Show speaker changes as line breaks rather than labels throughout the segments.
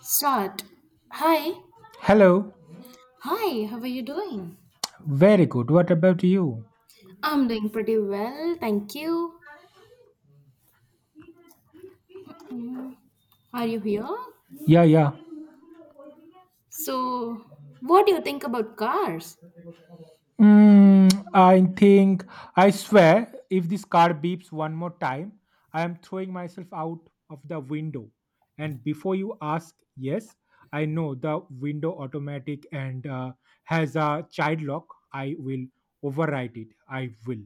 Start. Hi.
Hello.
Hi, how are you doing?
Very good. What about you?
I'm doing pretty well, thank you. Are you here?
Yeah, yeah.
So, what do you think about cars?
I think, I swear, if this car beeps one more time, I am throwing myself out of the window. And before you ask, yes, I know the window automatic and has a child lock. I will override it. I will.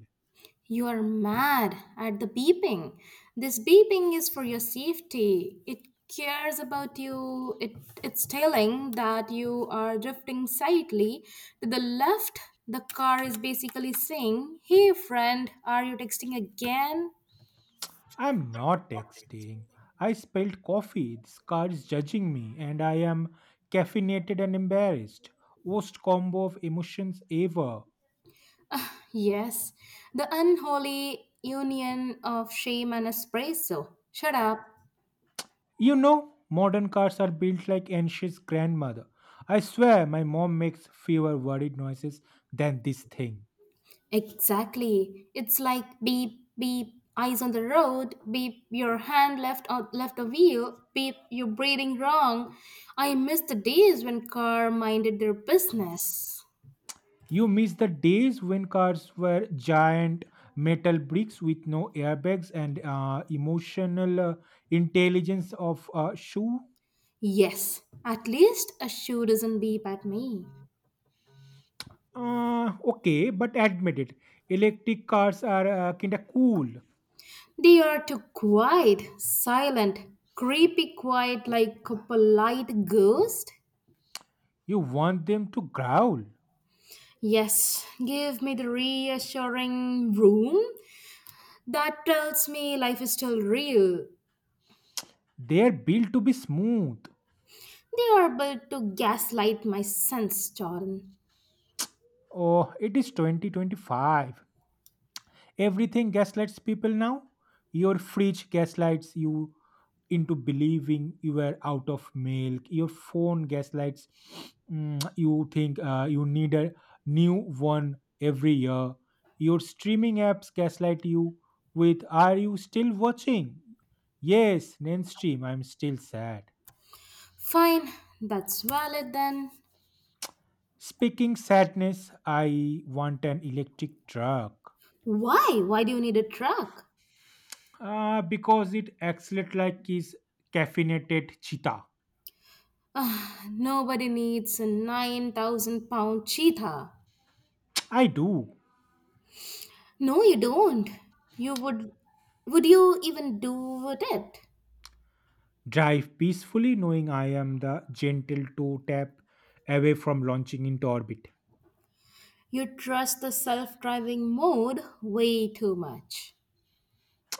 You are mad at the beeping. This beeping is for your safety. It cares about you. It's telling that you are drifting slightly to the left. The car is basically saying, Hey, friend, are you texting again?
I'm not texting. I spilled coffee. This car is judging me, and I am caffeinated and embarrassed. Worst combo of emotions ever.
Yes, the unholy union of shame and espresso. Shut up.
You know, modern cars are built like anxious grandmother. I swear my mom makes fewer worried noises than this thing.
Exactly. It's like beep, beep, eyes on the road, beep, your hand left out left the wheel, beep, you're breathing wrong. I miss the days when car minded their business.
You miss the days when cars were giant metal bricks with no airbags and emotional intelligence of a shoe.
Yes, at least a shoe doesn't beep at me.
Okay, but admit it. Electric cars are kinda cool.
They are too quiet, silent, creepy quiet like a polite ghost.
You want them to growl.
Yes, give me the reassuring room that tells me life is still real.
They are built to be smooth.
They are built to gaslight my sense, Jordan.
Oh, it is 2025. Everything gaslights people now. Your fridge gaslights you into believing you were out of milk. Your phone gaslights you think you need a new one every year. Your streaming apps gaslight you with, Are you still watching? Yes, mainstream, I'm still sad.
Fine, that's valid then.
Speaking sadness, I want an electric truck.
Why? Why do you need a truck?
Because it accelerates like is caffeinated cheetah.
Nobody needs a 9,000 pound cheetah.
I do
No, you don't. You would. Would you even do with it?
drive peacefully, knowing I am the gentle toe tap away from launching into orbit.
You trust the self driving mode way too much.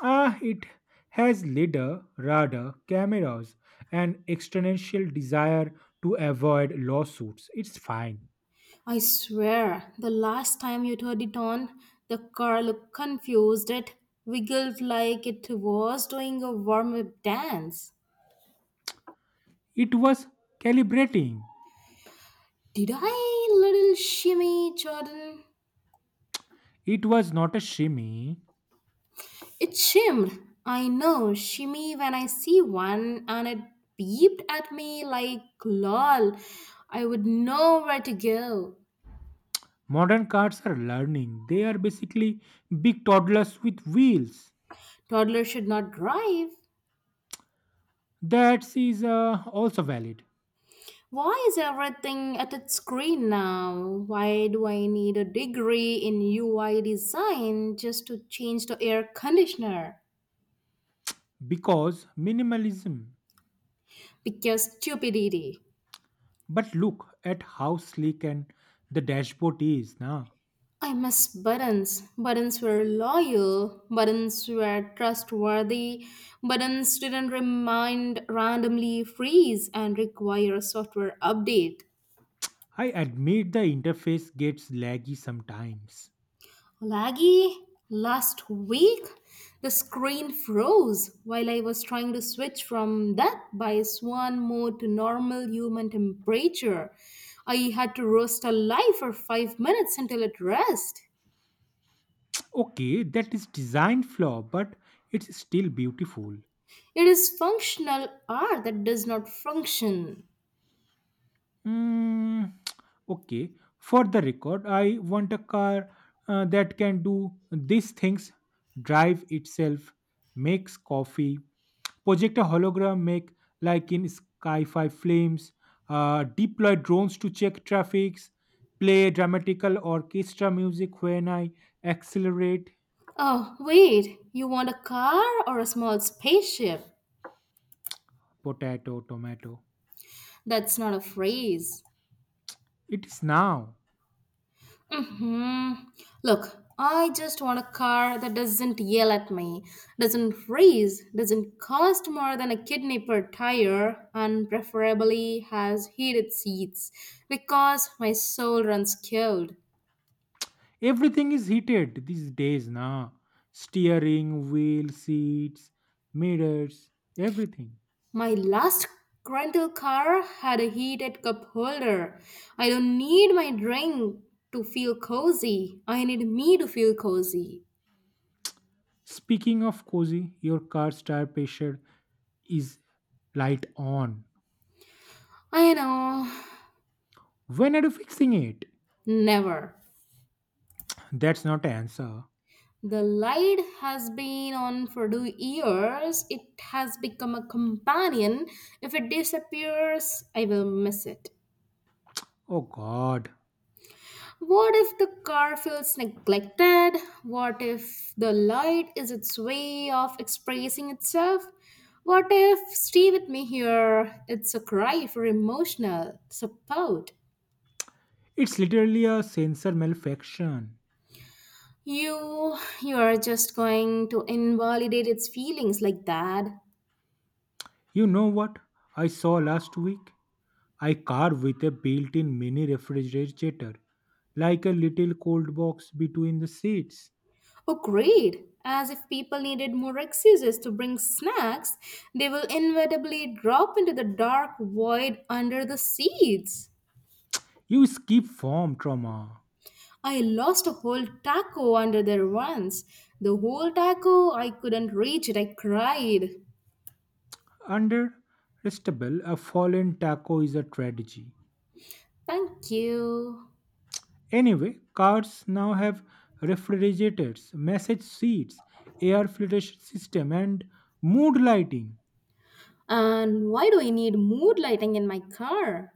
It has lidar, radar, cameras, and extraneous desire to avoid lawsuits. It's fine.
I swear, the last time you turned it on, the car looked confused. It wiggled like it was doing a warm up dance.
It was calibrating.
Did I, little shimmy, Jordan?
It was not a shimmy.
It shimmed. I know, shimmy when I see one, and it beeped at me like, lol, I would know where to go.
Modern cars are learning. They are basically big toddlers with wheels.
Toddler should not drive.
That is also valid.
Why is everything at its screen now? Why do I need a degree in UI design just to change the air conditioner?
Because minimalism.
Because stupidity.
But look at how sleek and the dashboard is now.
I miss buttons. Buttons were loyal. Buttons were trustworthy. Buttons didn't remind randomly freeze and require a software update.
I admit the interface gets laggy sometimes.
Laggy, last week the screen froze while I was trying to switch from that by swan mode to normal human temperature. I had to roast a lie for 5 minutes until it rest.
Okay, that is design flaw, but it's still beautiful.
It is functional art that does not function.
Mm, okay, for the record, I want a car that can do these things: drive itself, makes coffee, project a hologram make like in sci fi films, deploy drones to check traffics, play dramatical orchestra music when I accelerate.
Oh, wait, you want a car or a small spaceship?
Potato, tomato.
That's not a phrase.
It is now.
Hmm. Look, I just want a car that doesn't yell at me, doesn't raise, doesn't cost more than a kidney per tire, and preferably has heated seats because my soul runs cold.
Everything is heated these days now. Steering, wheel, seats, mirrors, everything.
My last rental car had a heated cup holder. I don't need my drink to feel cozy. I need me to feel cozy.
Speaking of cozy, your car's tire pressure is light on.
I know.
When are you fixing it?
Never.
That's not an answer.
The light has been on for 2 years. It has become a companion. If it disappears, I will miss it.
Oh god,
What if the car feels neglected? What if the light is its way of expressing itself? What if stay with me here? It's a cry for emotional support.
it's literally a sensor malfunction.
You are just going to invalidate its feelings like that.
You know what I saw last week? A car with a built in mini refrigerator, like a little cold box between the seats.
Oh, great! As if people needed more excuses to bring snacks, they will inevitably drop into the dark void under the seats.
You skip form trauma.
I lost a whole taco under there once. The whole taco, I couldn't reach it, I cried.
Under a fallen taco is a tragedy.
Thank you.
Anyway, cars now have refrigerators, massage seats, air filtration system, and mood lighting
And why do I need mood lighting in my car?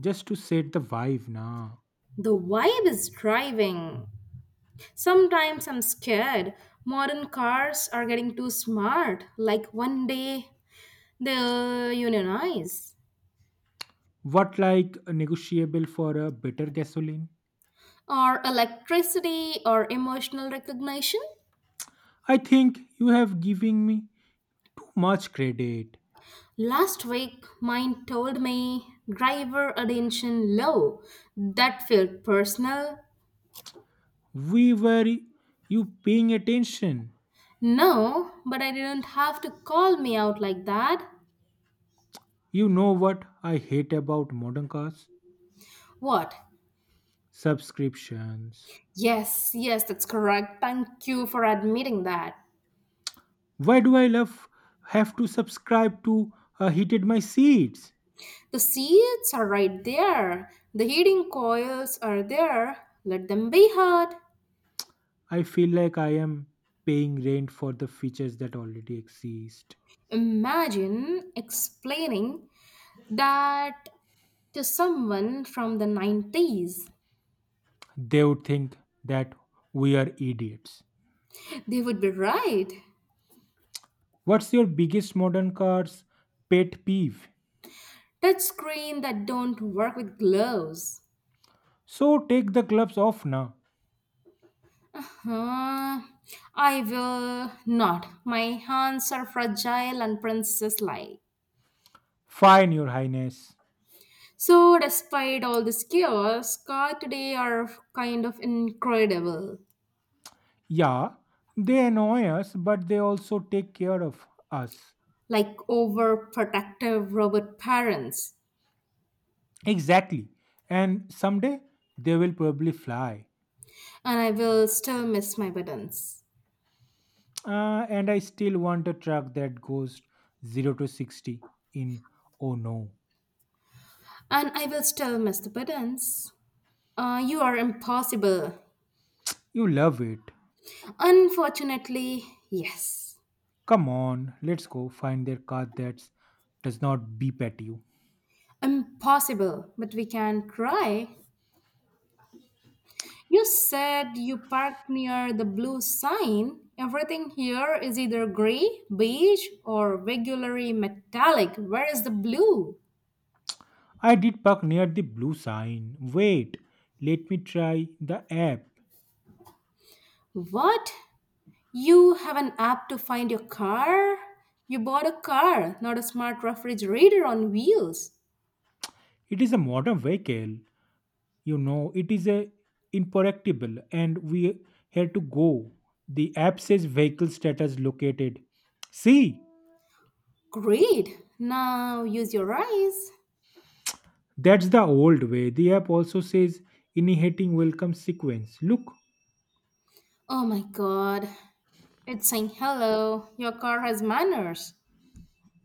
just to set the vibe now.
The vibe is driving. Sometimes I'm scared. Modern cars are getting too smart. Like one day, they unionize
What, like negotiable for a better gasoline?
or electricity or emotional recognition.
I think you have given me too much credit.
Last week, mine told me driver attention low. That felt personal.
We were You paying attention.
No, but I didn't have to call me out like that.
You know what I hate about modern cars?
What?
Subscriptions.
Yes, yes, that's correct. Thank you for admitting that.
Why do I love have to subscribe to heated my seats?
The seats are right there. The heating coils are there. Let them be heard.
I feel like I am paying rent for the features that already exist.
Imagine explaining that to someone from the 90s.
They would think that we are idiots.
They would be right.
What's your biggest modern car's pet peeve?
Touch screen that don't work with gloves.
So take the gloves off now.
Huh. I will not. My hands are fragile and princess like.
Fine, Your Highness.
So despite all this chaos car today are kind of incredible,
Yeah, they annoy us, but they also take care of us.
like overprotective robot parents.
Exactly. And someday they will probably fly.
And I will still miss my buttons.
And I still want a truck that goes 0 to 60 in, oh no.
And I will still miss the buttons. You are impossible.
You love it.
Unfortunately, yes.
Come on, let's go find their car that does not beep at you.
Impossible, but we can try. You said you parked near the blue sign. Everything here is either gray, beige, or regularly metallic. Where is the blue?
I did park near the blue sign. Wait, let me try the app.
What? You have an app to find your car? You bought a car, not a smart refrigerator on wheels.
It is a modern vehicle. You know, it is a imperactible and we had to go. The app says vehicle status located. See,
Great! Now use your eyes.
that's the old way. The app also says initiating welcome sequence. Look.
Oh my god, it's saying, hello, your car has manners.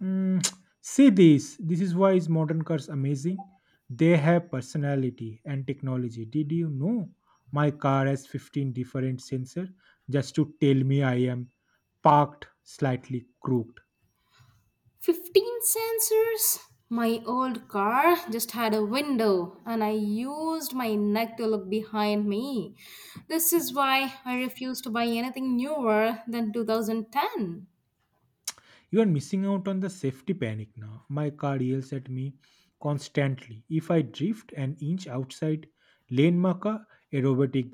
Mm, See this. This is why is modern cars amazing. They have personality and technology. Did you know my car has 15 different sensor just to tell me I am parked slightly crooked?
15 sensors? My old car just had a window and I used my neck to look behind me. This is why I refuse to buy anything newer than 2010.
You are missing out on the safety panic now. My car yells at me constantly. If I drift an inch outside lane marker, aerobatic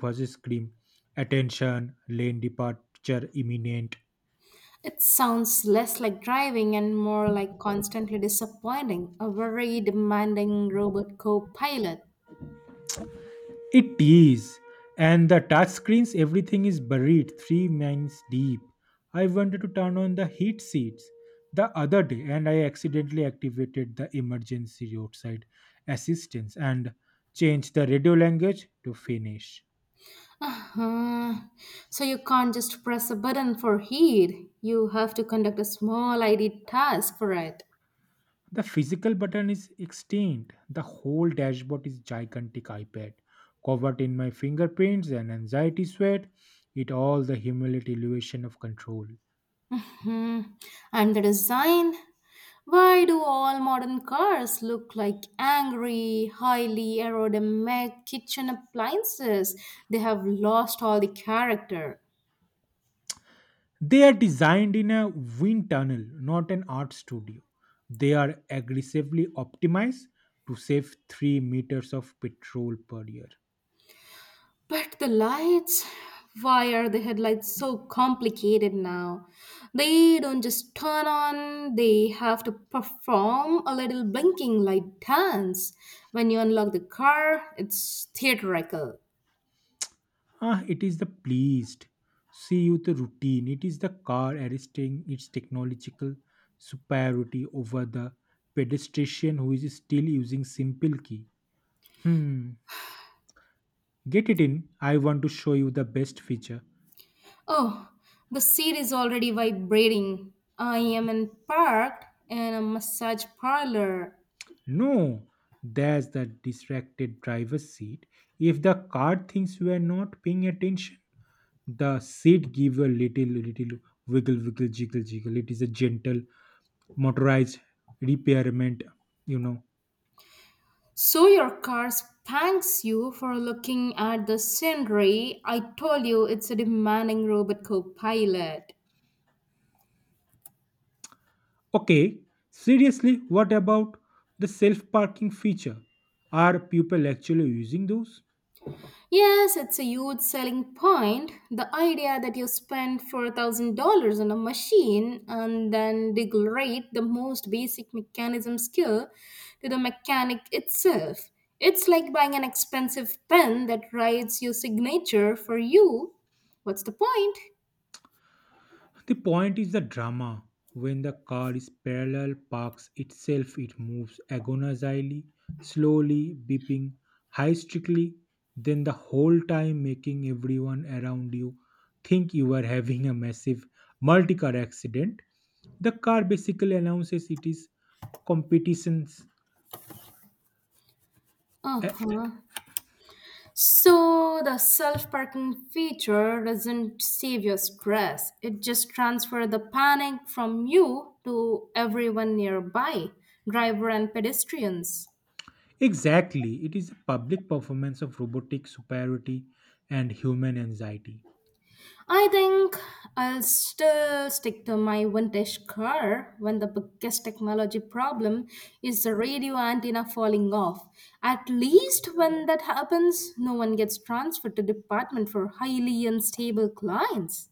robotic voice scream, attention, lane departure imminent.
It sounds less like driving and more like constantly disappointing a very demanding robot co pilot.
It is, and the touchscreens, everything is buried 3 miles deep. I wanted to turn on the heat seats the other day and I accidentally activated the emergency roadside assistance and changed the radio language to Finnish.
Uh, so you can't just press a button for heat. You have to conduct a small ID task for it.
The physical button is extinct. The whole dashboard is gigantic iPad covered in my fingerprints and anxiety sweat. It all the humiliation of control.
Hmm. And the design? Why do all modern cars look like angry, highly aerodynamic kitchen appliances? They have lost all the character.
They are designed in a wind tunnel, not an art studio. They are aggressively optimized to save 3 meters of petrol per year.
But the lights, why are the headlights so complicated now? They don't just turn on, they have to perform a little blinking light dance. When you unlock the car, it's theatrical.
It is the pleased. See you the routine. It is the car arresting its technological superiority over the pedestrian who is still using simple key. Hmm. Get it in. I want to show you the best feature.
Oh, the seat is already vibrating. I am in parked in a massage parlor.
No, there's the distracted driver's seat. If the car thinks you are not paying attention, the seat give a little, little wiggle, wiggle, jiggle, jiggle. It is a gentle motorized repairment, you know.
So your car spanks you for looking at the scenery. I told you it's a demanding robot co-pilot.
Okay, seriously, what about the self parking feature? Are people actually using those?
Yes, it's a huge selling point. The idea that you spend $4,000 on a machine and then degrade the most basic mechanism skill to the mechanic itself. It's like buying an expensive pen that writes your signature for you. What's the point?
The point is the drama. When the car is parallel parks itself, it moves agonizingly, slowly, beeping, hysterically, then the whole time making everyone around you think you are having a massive multi-car accident. The car basically announces it is competitions.
Uh
Eh,
huh. So the self-parking feature doesn't save your stress. It just transfers the panic from you to everyone nearby, driver and pedestrians.
Exactly, it is a public performance of robotic superiority and human anxiety.
I think I'll still stick to my vintage car when the biggest technology problem is the radio antenna falling off. At least when that happens, no one gets transferred to department for highly unstable clients.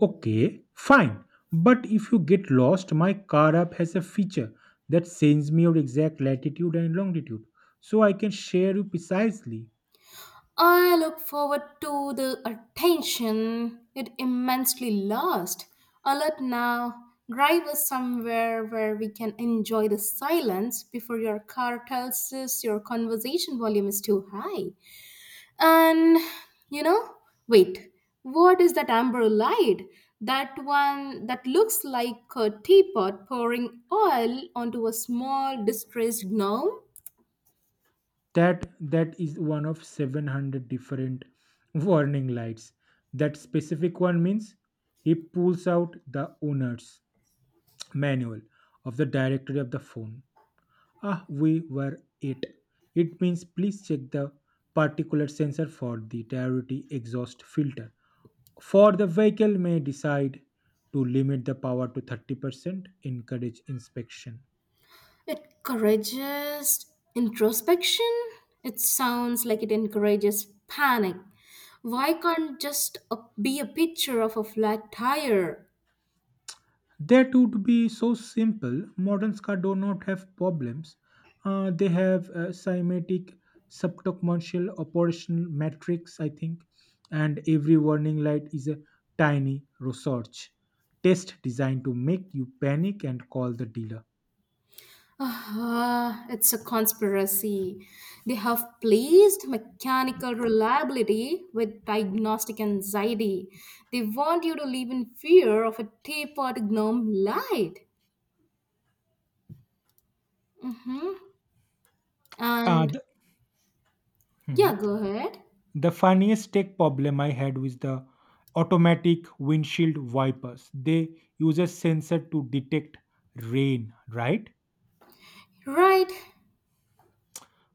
Okay, fine. But if you get lost, my car app has a feature that sends me your exact latitude and longitude, so I can share you precisely.
I look forward to the attention it immensely lost. Alert now, drive us somewhere where we can enjoy the silence before your car tells us your conversation volume is too high. And you know, wait, what is that amber light? That one that looks like a teapot pouring oil onto a small distressed gnome?
That is one of 700 different warning lights. That specific one means, he pulls out the owner's manual of the directory of the phone, we were it. It means, please check the particulate sensor for the priority exhaust filter. For the vehicle may decide to limit the power to 30%, encourage inspection.
It encourages introspection. It sounds like it encourages panic. Why can't just a, be a picture of a flat tire?
They too to be so simple. Modern cars do not have problems. They have cymatic, subcommercial, operational matrix, I think, and every warning light is a tiny research test designed to make you panic and call the dealer.
Ah, it's a conspiracy. They have placed mechanical reliability with diagnostic anxiety. They want you to live in fear of a tapered gnome light. Mm-hmm.
Uh,
And
the, Mhm.
yeah, go ahead.
The funniest tech problem I had was the automatic windshield wipers. They use a sensor to detect rain, right?
Right.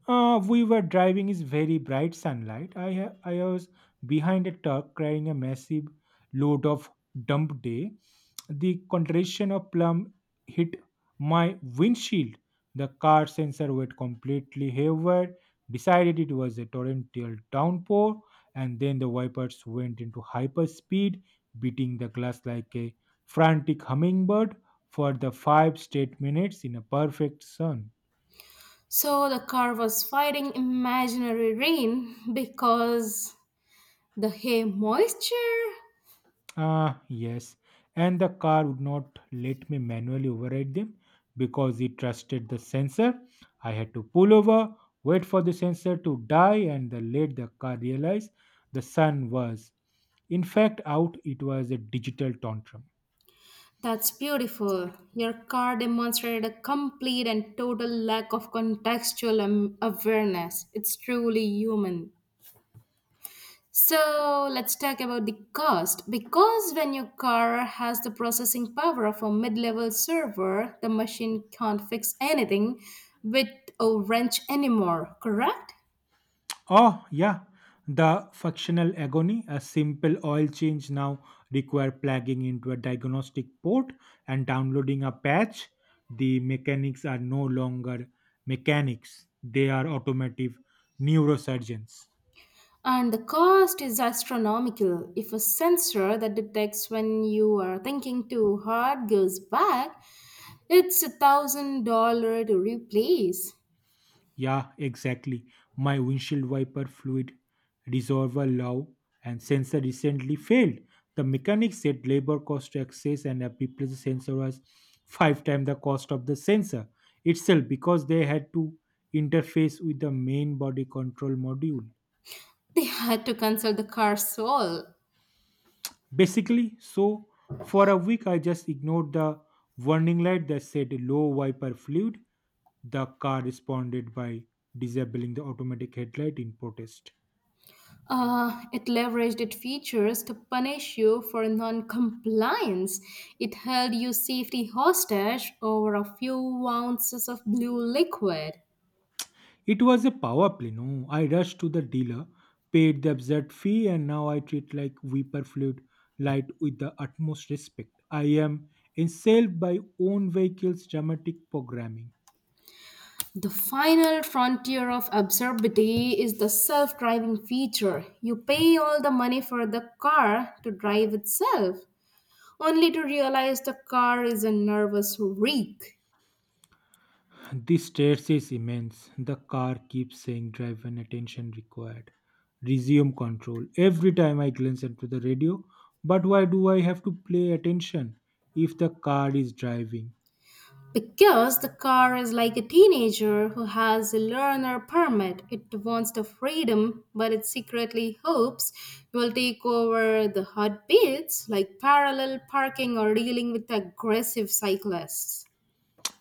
We were driving in very bright sunlight. I was behind a truck carrying a massive load of dump day. The contraction of plum hit my windshield. The car sensor went completely haywire, decided it was a torrential downpour, and then the wipers went into hyperspeed, beating the glass like a frantic hummingbird for the 5 straight minutes in a perfect sun.
So the car was fighting imaginary rain because the hay moisture.
Yes. And the car would not let me manually override them because it trusted the sensor. I had to pull over, wait for the sensor to die, and then let the car realize the sun was, in fact, out. It was a digital tantrum.
That's beautiful. Your car demonstrated a complete and total lack of contextual awareness. It's truly human. So let's talk about the cost. Because when your car has the processing power of a mid level server, the machine can't fix anything with a wrench anymore, correct?
Oh, yeah, the functional agony. A simple oil change now require plugging into a diagnostic port and downloading a patch. The mechanics are no longer mechanics; they are automotive neurosurgeons.
And the cost is astronomical. If a sensor that detects when you are thinking too hard goes back, it's 1,000 dollar to replace.
Yeah, exactly. My windshield wiper fluid resolver low and sensor recently failed. The mechanic said labor cost to access and replace the sensor was 5 times the cost of the sensor itself because they had to interface with the main body control module.
They had to cancel the car's soul.
Basically, so for a week I just ignored the warning light that said low wiper fluid. The car responded by disabling the automatic headlight in protest.
It leveraged its features to punish you for non-compliance. It held your safety hostage over a few ounces of blue liquid.
It was a power play, no? I rushed to the dealer, paid the absurd fee, and now I treat like vapor fluid light with the utmost respect. I am enslaved by own vehicle's dramatic programming.
The final frontier of absurdity is the self driving feature. You pay all the money for the car to drive itself, only to realize the car is a nervous wreck.
This stairs is immense. The car keeps saying drive and attention required. Resume control. Every time I glance into the radio, but why do I have to play attention if the car is driving?
Because the car is like a teenager who has a learner permit. It wants the freedom, but it secretly hopes will take over the hot beats like parallel parking or dealing with aggressive cyclists.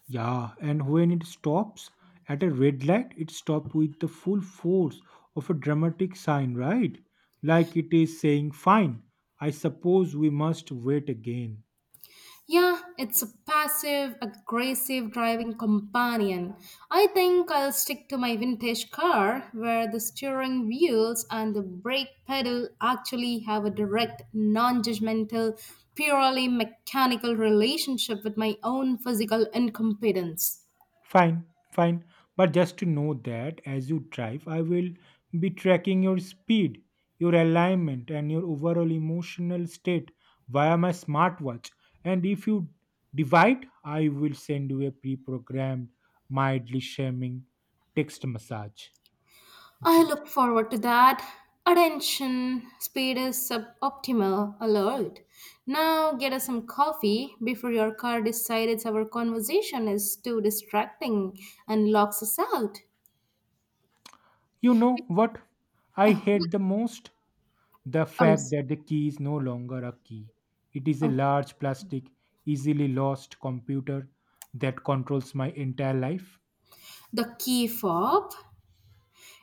Yeah, and when it stops at a red light, it stops with the full force of a dramatic sign, right? Like it is saying, Fine, I suppose we must wait again.
Yeah, it's a passive aggressive driving companion. I think I'll stick to my vintage car where the steering wheels and the brake pedal actually have a direct, non judgmental, purely mechanical relationship with my own physical incompetence.
Fine, fine, but just to know that as you drive, I will be tracking your speed, your alignment, and your overall emotional state via my smartwatch. And if you divide, I will send you a pre programmed, mildly shaming text massage.
I
Message.
look forward to that. Attention, speed is suboptimal alert. Now get us some coffee before your car decides our conversation is too distracting and locks us out.
You know what I
Oh,
hate the most? The
um,
fact that the key is no longer a key. It is a
oh,
large plastic, easily lost computer that controls my entire life.
the key fob.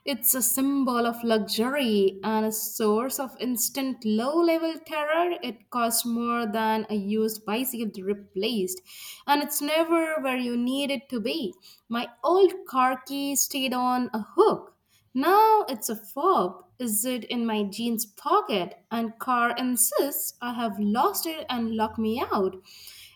It's a symbol of luxury and a source of instant low level terror. It costs more than a used bicycle replaced, and it's never where you need it to be. My old car key stayed on a hook. Now it's a fob. Is it in my jeans pocket? And car insists I have lost it and locked me out.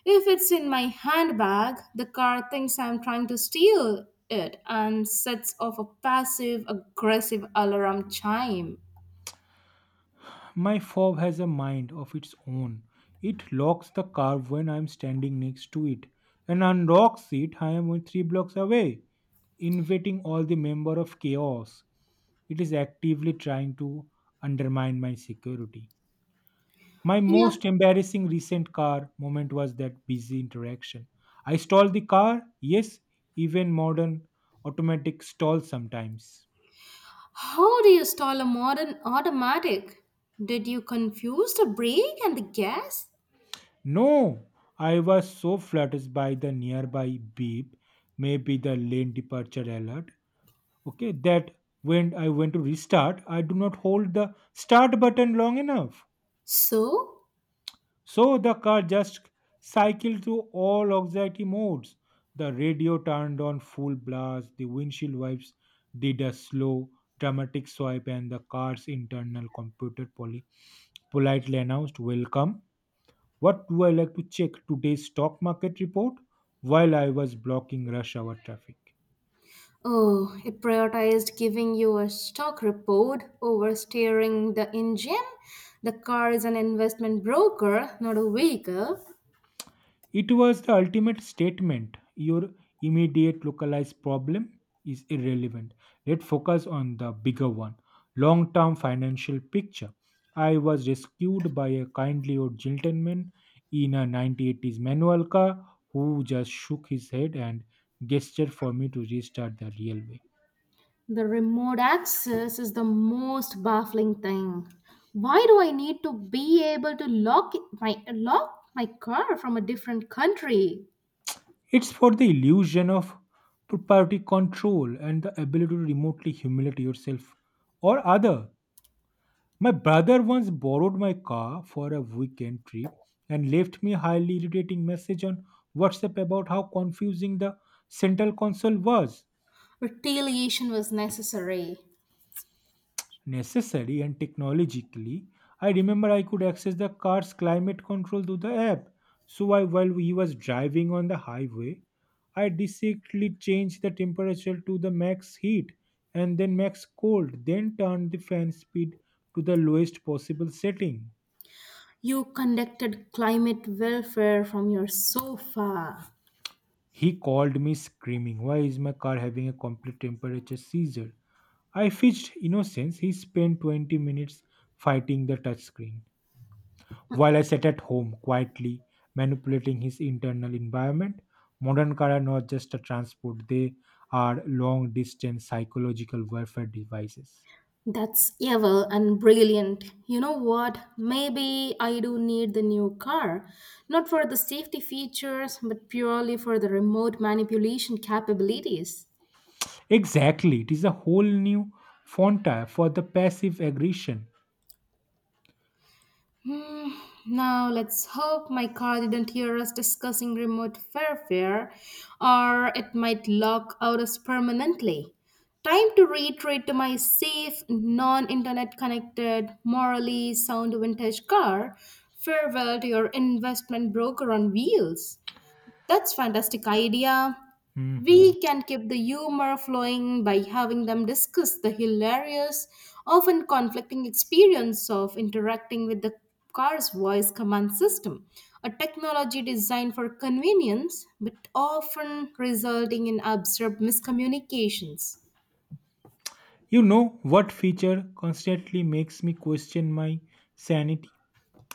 If it's in my handbag, the car thinks I'm trying to steal it and sets off a passive aggressive alarm chime.
My fob has a mind of its own. It locks the car when I am standing next to it and unlocks it I am 3 blocks away, inviting all the member of chaos. It is actively trying to undermine my security. My
Yeah,
most embarrassing recent car moment was that busy interaction. I stalled the car. Yes, even modern automatic stall sometimes.
how do you stall a modern automatic? Did you confuse the brake and the gas?
No, I was so flattered by the nearby beep, maybe the lane departure alert. Okay, that when I went to restart, I do not hold the start button long enough.
So?
So the car just cycled through all anxiety modes. The radio turned on full blast, the windshield wipes did a slow, dramatic swipe, and the car's internal computer politely announced, Welcome. What do I like to check today's stock market report while I was blocking rush hour traffic?
Oh, it prioritized giving you a stock report over steering the engine. The car is an investment broker, not a vehicle.
It was the ultimate statement. Your immediate localized problem is irrelevant. Let's focus on the bigger one long term financial picture. I was rescued by a kindly old gentleman in a 1980s manual car who just shook his head and gestured for me to restart the railway.
The remote access is the most baffling thing. Why do I need to be able to lock my car from a different country?
It's for the illusion of property control and the ability to remotely humiliate yourself or other. My brother once borrowed my car for a weekend trip and left me highly irritating message on WhatsApp about how confusing the central console was.
Retaliation was necessary.
Necessary and technologically, I remember I could access the car's climate control through the app. So I, while he was driving on the highway, I discreetly changed the temperature to the max heat and then max cold, then turned the fan speed to the lowest possible setting.
You conducted climate welfare from your sofa.
He called me screaming, Why is my car having a complete temperature seizure? I fetched innocence. He spent 20 minutes fighting the touchscreen while I sat at home quietly manipulating his internal environment. Modern cars are not just a transport, they are long distance psychological warfare devices.
That's evil and brilliant. You know what? Maybe I do need the new car. Not for the safety features, but purely for the remote manipulation capabilities.
Exactly, it is a whole new frontier for the passive aggression.
Hmm, now let's hope my car didn't hear us discussing remote warfare, or it might lock out us permanently. Time to retreat to my safe, non internet connected, morally sound vintage car. Farewell to your investment broker on wheels. That's fantastic idea.
Mhm.
We can keep the humor flowing by having them discuss the hilarious, often conflicting experience of interacting with the car's voice command system, a technology designed for convenience but often resulting in absurd miscommunications.
You know what feature constantly makes me question my sanity?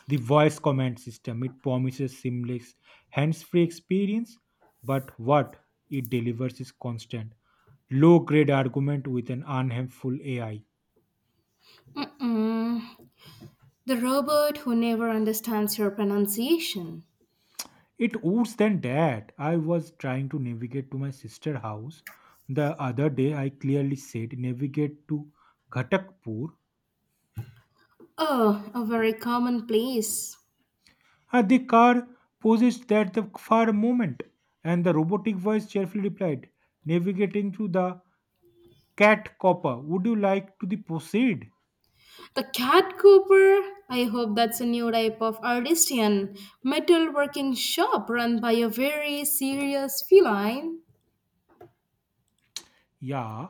The voice command system it promises seamless hands-free experience, but what it delivers is constant low-grade argument with an unhelpful AI.
Mm-mm. The robot who never understands your pronunciation.
It worse than that. I was trying to navigate to my sister house the other day. I clearly said navigate to Ghatakpur.
Oh, a very common place.
At the car possessed that the far moment, and the robotic voice cheerfully replied, "Navigating to the cat copper. Would you like to the proceed?"
The Cat Cooper? I hope that's a new type of artisan metalworking shop run by a very serious feline.
Yeah,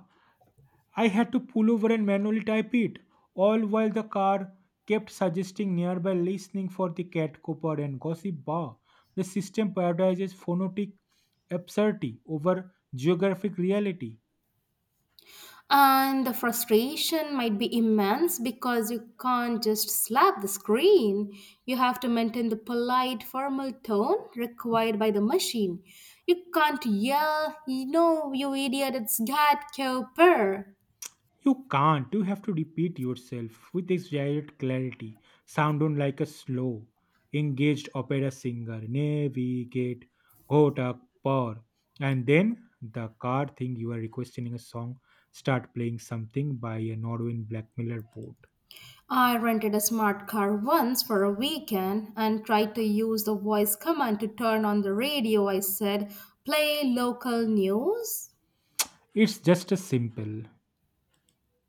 I had to pull over and manually type it, all while the car kept suggesting nearby listening for the cat copper and gossip bar. The system prioritizes phonetic absurdity over geographic reality.
And the frustration might be immense because you can't just slap the screen. You have to maintain the polite, formal tone required by the machine. You can't yell, you know, you idiot, it's Cat Cooper.
You can't. You have to repeat yourself with exaggerated clarity, sound on like a slow, engaged opera singer. Navigate, go tak par. And then the card thing you are requesting a song, start playing something by a Norwegian black miller boat.
I rented a smart car once for a weekend and tried to use the voice command to turn on the radio. I said, play local news.
It's just as simple.